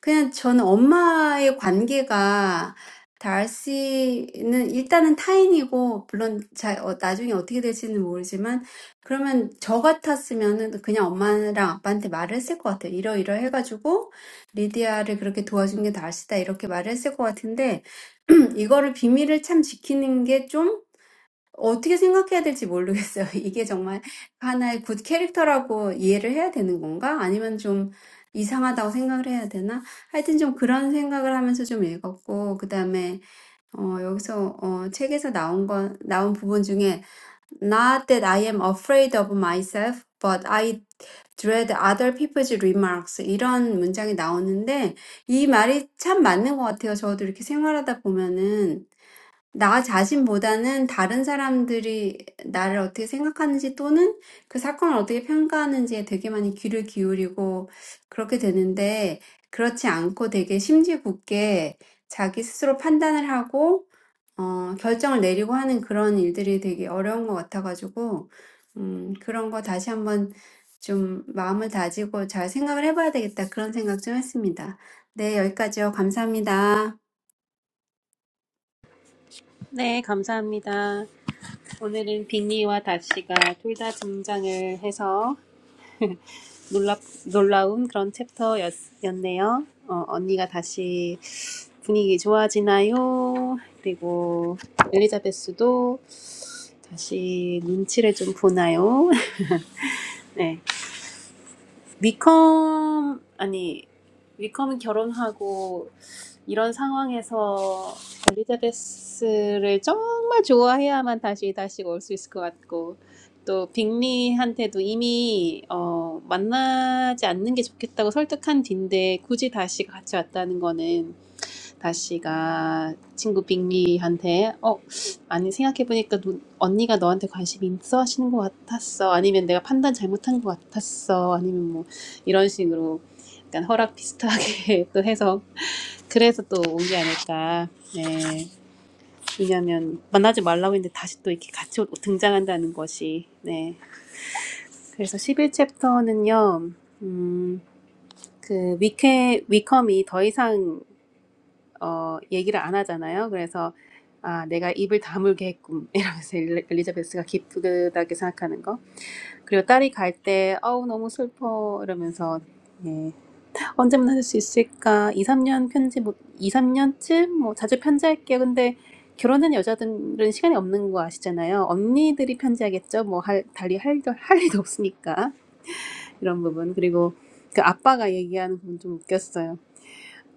그냥 저는 엄마의 관계가 달씨는 일단은 타인이고, 물론 잘, 어, 나중에 어떻게 될지는 모르지만, 그러면 저 같았으면은 그냥 엄마랑 아빠한테 말을 했을 것 같아요. 이러이러 해가지고, 리디아를 그렇게 도와준 게 달씨다. 이렇게 말을 했을 것 같은데, 이거를 비밀을 참 지키는 게좀 어떻게 생각해야 될지 모르겠어요. 이게 정말 하나의 굿 캐릭터라고 이해를 해야 되는 건가? 아니면 좀 이상하다고 생각을 해야 되나? 하여튼 좀 그런 생각을 하면서 좀 읽었고, 그 다음에, 어, 여기서, 어, 책에서 나온 건, 나온 부분 중에, Not that I am afraid of myself, but I dread other people's remarks. 이런 문장이 나오는데, 이 말이 참 맞는 것 같아요. 저도 이렇게 생활하다 보면은. 나 자신보다는 다른 사람들이 나를 어떻게 생각하는지 또는 그 사건을 어떻게 평가하는지에 되게 많이 귀를 기울이고 그렇게 되는데 그렇지 않고 되게 심지 굳게 자기 스스로 판단을 하고 어, 결정을 내리고 하는 그런 일들이 되게 어려운 것 같아가지고 음, 그런 거 다시 한번 좀 마음을 다지고 잘 생각을 해봐야 되겠다 그런 생각 좀 했습니다. 네, 여기까지요. 감사합니다.
네, 감사합니다. 오늘은 빅리와 다시가 둘다 등장을 해서 놀라, 놀라운 그런 챕터였네요. 어, 언니가 다시 분위기 좋아지나요? 그리고 엘리자베스도 다시 눈치를 좀 보나요? 네. 위컴, 아니, 위컴은 결혼하고 이런 상황에서 엘리자베스를 정말 좋아해야만 다시 다시 올 수 있을 것 같고 또 빅리한테도 이미 어, 만나지 않는 게 좋겠다고 설득한 뒤인데 굳이 다시 같이 왔다는 거는 다씨가 친구 빅리한테 어 아니 생각해보니까 누, 언니가 너한테 관심 있어 하시는 것 같았어 아니면 내가 판단 잘못한 것 같았어 아니면 뭐 이런 식으로 약간 허락 비슷하게 또 해서 그래서 또 온 게 아닐까 네 왜냐면 하 만나지 말라고 했는데 다시 또 이렇게 같이 오- 등장한다는 것이 네 그래서 11챕터는요 음그 위케 위컴이 더 이상 어, 얘기를 안 하잖아요. 그래서 아, 내가 입을 다물겠군 이러면서 엘리- 엘리자베스가 기쁘다고 생각하는 거. 그리고 딸이 갈 때 어우 너무 슬퍼 이러면서 예. 언제 만날 수 있을까? 2, 3년 편지 뭐이삼년쯤뭐 자주 편지할게요. 근데 결혼한 여자들은 시간이 없는 거 아시잖아요. 언니들이 편지하겠죠. 뭐 할, 달리 할, 일도- 할 일도 없으니까 이런 부분. 그리고 그 아빠가 얘기하는 부분 좀 웃겼어요.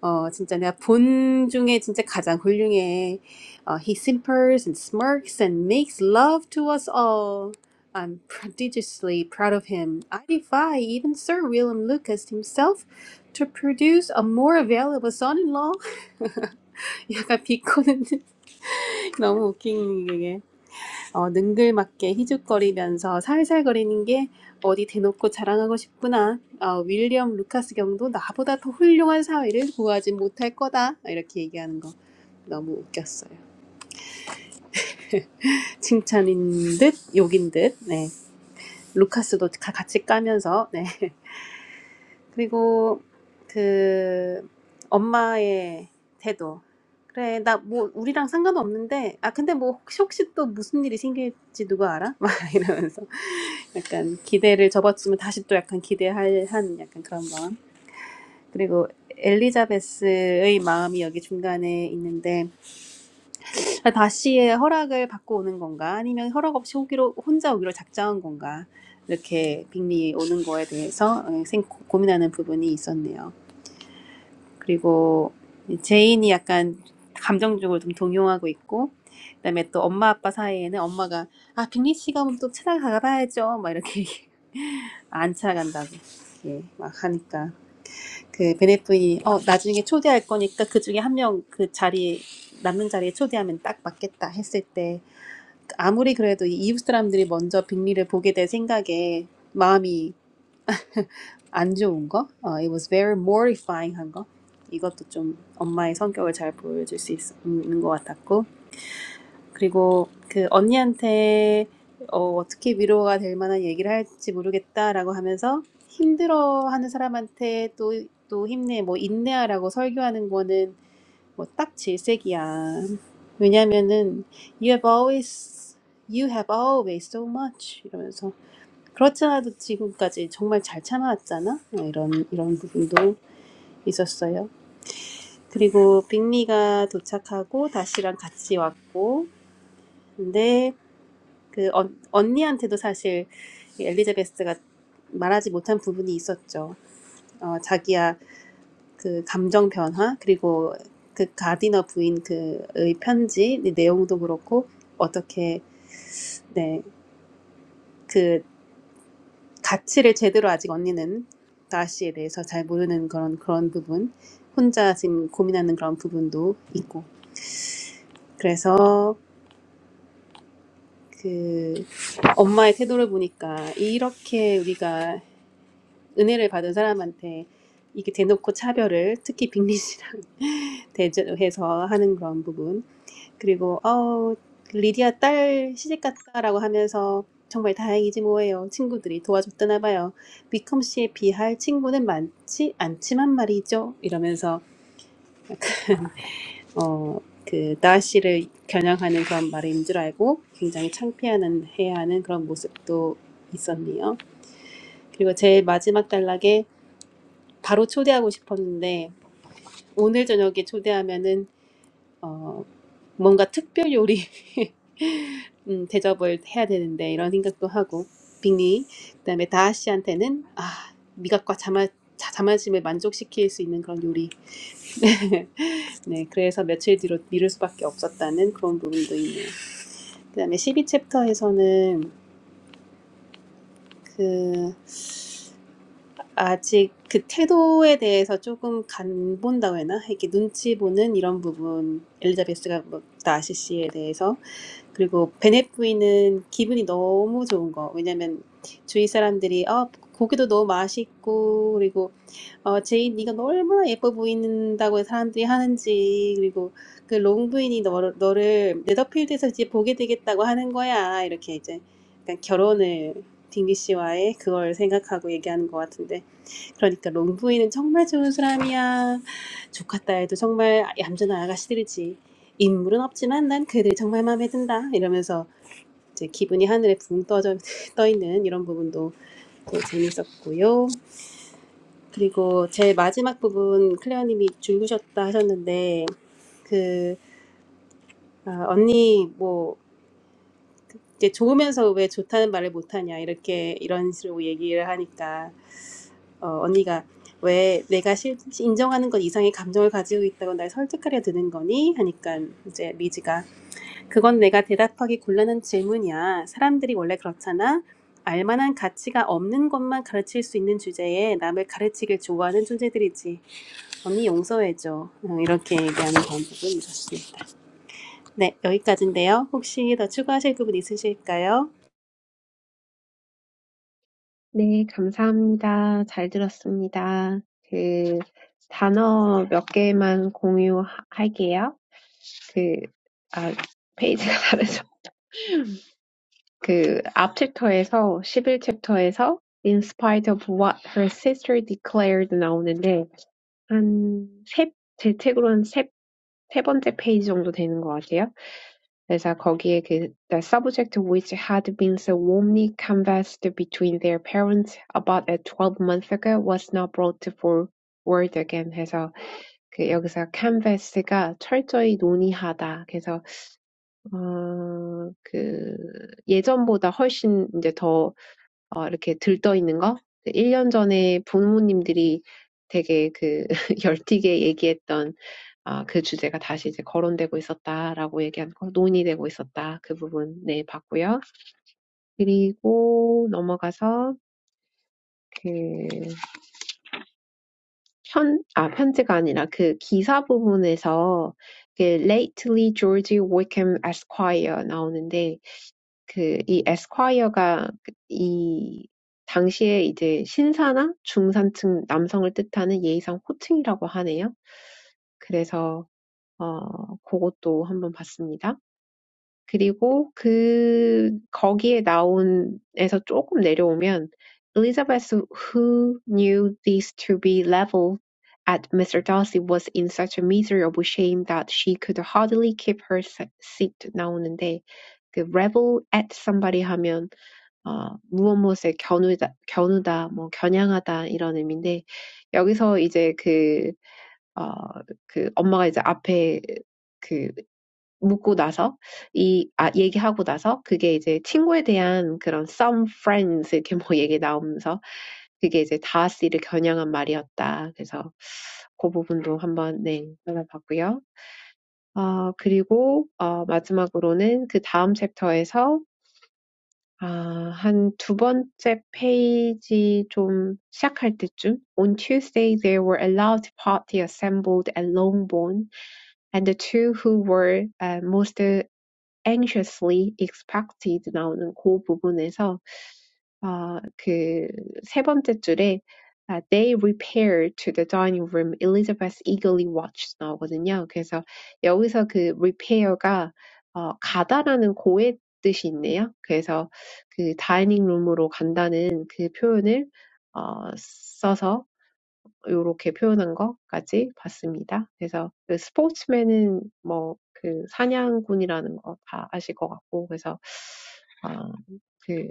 어, 진짜 내가 본 중에 진짜 가장 훌륭해. 어, he simpers and smirks and makes love to us all. I'm prodigiously proud of him. I defy even Sir William Lucas himself to produce a more available son-in-law. 약간 비꼬는 너무 웃긴 게. 어, 능글맞게 희죽거리면서 살살거리는 게 어디 대놓고 자랑하고 싶구나. 어, 윌리엄 루카스 경도 나보다 더 훌륭한 사회를 구하지 못할 거다. 이렇게 얘기하는 거 너무 웃겼어요. 칭찬인 듯 욕인 듯. 네. 루카스도 가- 같이 까면서. 네. 그리고 그 엄마의 태도. 그래, 나 뭐 우리랑 상관없는데. 아, 근데 뭐 혹시 혹시 또 무슨 일이 생길지 누가 알아? 막 이러면서. 약간 기대를 접었으면 다시 또 약간 기대할 한 약간 그런 마음. 그리고 엘리자베스의 마음이 여기 중간에 있는데 다시의 허락을 받고 오는 건가 아니면 허락 없이 오기로 혼자 오기로 작정한 건가 이렇게 빅리 오는 거에 대해서 어, 생- 고민하는 부분이 있었네요. 그리고 제인이 약간 감정적으로 좀 동요하고 있고 그다음에 또 엄마 아빠 사이에는 엄마가 아 빅리 씨가 오면 또 찾아가 봐야죠 막 이렇게 안 찾아간다고 예, 막 하니까 그 베네프이 어 나중에 초대할 거니까 그 중에 한 명 그자리 남는 자리에 초대하면 딱 맞겠다 했을 때 아무리 그래도 이 이웃 사람들이 먼저 빅리를 보게 될 생각에 마음이 안 좋은 거, 어, it was very mortifying 한 거, 이것도 좀 엄마의 성격을 잘 보여줄 수 있, 는것 같았고, 그리고 그 언니한테 어, 어떻게 위로가 될 만한 얘기를 할지 모르겠다라고 하면서 힘들어하는 사람한테 또, 또 힘내, 뭐 인내하라고 설교하는 거는 뭐 딱 질색이야. 왜냐면은 you have always, you have always so much 이러면서 그렇지 않아도 지금까지 정말 잘 참아왔잖아. 어, 이런 이런 부분도 있었어요. 그리고 빅리가 도착하고 다시랑 같이 왔고, 근데 그 언, 언니한테도 사실 이 엘리자베스가 말하지 못한 부분이 있었죠. 어, 자기야 그 감정 변화 그리고 그 가디너 부인 그의 편지 이 내용도 그렇고 어떻게 네그 가치를 제대로 아직 언니는 나씨에 대해서 잘 모르는 그런 그런 부분, 혼자 지금 고민하는 그런 부분도 있고. 그래서 그 엄마의 태도를 보니까 이렇게 우리가 은혜를 받은 사람한테 이게 대놓고 차별을 특히 빅리시랑 대조해서 하는 그런 부분. 그리고 어우 리디아 딸 시집 갔다라고 하면서 정말 다행이지 뭐예요. 친구들이 도와줬다나 봐요. 위컴 씨에 비할 친구는 많지 않지만 말이죠. 이러면서 어그 나씨를 겨냥하는 그런 말인 줄 알고 굉장히 창피하는 해야 하는 그런 모습도 있었네요. 그리고 제 마지막 단락에 바로 초대하고 싶었는데 오늘 저녁에 초대하면은 어, 뭔가 특별 요리 음, 대접을 해야 되는데 이런 생각도 하고 빅리 그다음에 다하 씨한테는 아 미각과 자마 자- 자만심을 만족시킬 수 있는 그런 요리 네 그래서 며칠 뒤로 미룰 수밖에 없었다는 그런 부분도 있네요 그다음에 12챕터에서는 그 아직 그 태도에 대해서 조금 간 본다고 해나 이렇게 눈치 보는 이런 부분 엘리자베스가 뭐 다시 씨에 대해서 그리고 베네부이는 기분이 너무 좋은 거. 왜냐면 주위 사람들이 어, 고기도 너무 맛있고 그리고 어, 제인 네가 얼마나 예뻐 보인다고 사람들이 하는지 그리고 그 롱부인이 너를, 너를 네더필드에서 이제 보게 되겠다고 하는 거야. 이렇게 이제 약간 결혼을 딩리 씨와의 그걸 생각하고 얘기하는 것 같은데 그러니까 롱부인은 정말 좋은 사람이야. 조카 딸도 정말 얌전한 아가씨들이지. 인물은 없지만 난 그들이 정말 마음에 든다. 이러면서 이제 기분이 하늘에 붕 떠져 떠 있는 이런 부분도 재밌었고요. 그리고 제 마지막 부분 클레어님이 줄구셨다 하셨는데 그 아, 언니 뭐 이제 좋으면서 왜 좋다는 말을 못하냐 이렇게 이런 식으로 얘기를 하니까 어, 언니가 왜 내가 실, 인정하는 것 이상의 감정을 가지고 있다고 날 설득하려 드는 거니? 하니까 이제 리지가 그건 내가 대답하기 곤란한 질문이야. 사람들이 원래 그렇잖아. 알만한 가치가 없는 것만 가르칠 수 있는 주제에 남을 가르치길 좋아하는 존재들이지. 언니 용서해줘. 음, 이렇게 얘기하는 방법은 었습니다 네, 여기까지인데요. 혹시 더 추가하실 부분 있으실까요?
네, 감사합니다. 잘 들었습니다. 그 단어 몇 개만 공유할게요. 그, 아, 페이지가 다르죠. 그, 앞 챕터에서, 11챕터에서 In spite of what her sister declared 나오는데, 한 세, 제 책으로는 세, 세 번째 페이지 정도 되는 것 같아요. 그래서 거기에 그 the subject which had been so warmly canvassed between their parents about a twelve month ago was now brought forward again 해서 그 여기서 canvass가 철저히 논의하다. 그래서 어그 예전보다 훨씬 이제 더 어 이렇게 들떠 있는 거? 일 년 전에 부모님들이 되게 그 열띠게 얘기했던 아, 그 주제가 다시 이제 거론되고 있었다라고 얘기한 거, 논의되고 있었다. 그 부분, 네, 봤고요. 그리고 넘어가서, 그, 편, 아, 편지가 아니라 그 기사 부분에서, 그, lately George Wickham Esquire 나오는데, 그이 에스콰이어가 그이 당시에 이제 신사나 중산층 남성을 뜻하는 예의상 호칭이라고 하네요. 그래서 어 그것도 한번 봤습니다. 그리고 그 거기에 나온 에서 조금 내려오면 Elizabeth who knew these to be leveled at Mr. Darcy was in such a miserable shame that she could hardly keep her seat 나오는데 그 revel at somebody 하면 어, 무엇무엇에 겨누다, 겨누다, 뭐 겨냥하다 이런 의미인데 여기서 이제 그, 어, 그 엄마가 이제 앞에 그 묻고 나서 이, 아, 얘기하고 나서 그게 이제 친구에 대한 그런 some friends 이렇게 뭐 얘기 나오면서 그게 이제 다하스를 겨냥한 말이었다. 그래서 그 부분도 한번 네, 찾아봤고요. 어, 그리고 어, 마지막으로는 그 다음 챕터에서 아한두 번째 페이지 좀 시작할 때쯤 On Tuesday there were a large party assembled at Longbourn, and the two who were uh, most anxiously expected 나오는 그 부분에서 어, 그세 번째 줄에 아, They repaired to the dining room. Elizabeth eagerly watched 나오거든요. 그래서 여기서 그 repair가 어, 가다라는 고의 뜻이 있네요. 그래서 그 다이닝 룸으로 간다는 그 표현을 어, 써서 요렇게 표현한 것까지 봤습니다. 그래서 그 스포츠맨은 뭐그 사냥꾼이라는 거다 아실 것 같고 그래서 아, 그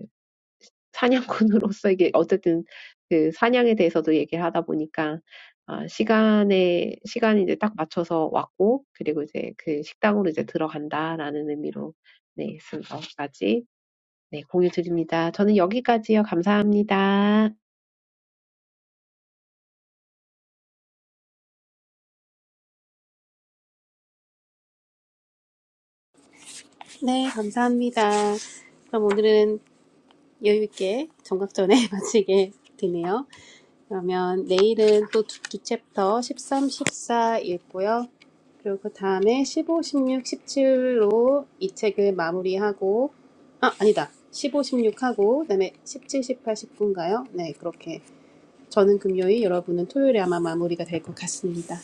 사냥꾼으로서 이게 어쨌든 그 사냥에 대해서도 얘기를 하다 보니까 아, 시간에 시간이 이제 딱 맞춰서 왔고 그리고 이제 그 식당으로 이제 들어간다라는 의미로 네, 쓴 것까지 네, 공유 드립니다. 저는 여기까지요. 감사합니다.
네, 감사합니다. 그럼 오늘은 여유 있게 정각전에 마치게 되네요. 그러면 내일은 또두두 챕터 13, 14 읽고요. 그리고 그 다음에 15, 16, 17로 이 책을 마무리하고 아, 아니다. 15, 16 하고 그다음에 17, 18, 19인가요? 네, 그렇게 저는 금요일, 여러분은 토요일에 아마 마무리가 될 것 같습니다.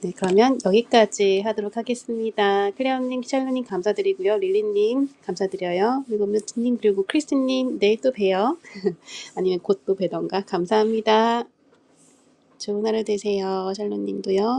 네, 그러면 여기까지 하도록 하겠습니다. 클레어님, 키샬루님 감사드리고요. 릴리님 감사드려요. 그리고 뮤트님, 그리고 크리스님, 내일 또 봬요. 아니면 곧 또 뵈던가 감사합니다. 좋은 하루 되세요. 샬롯님도요.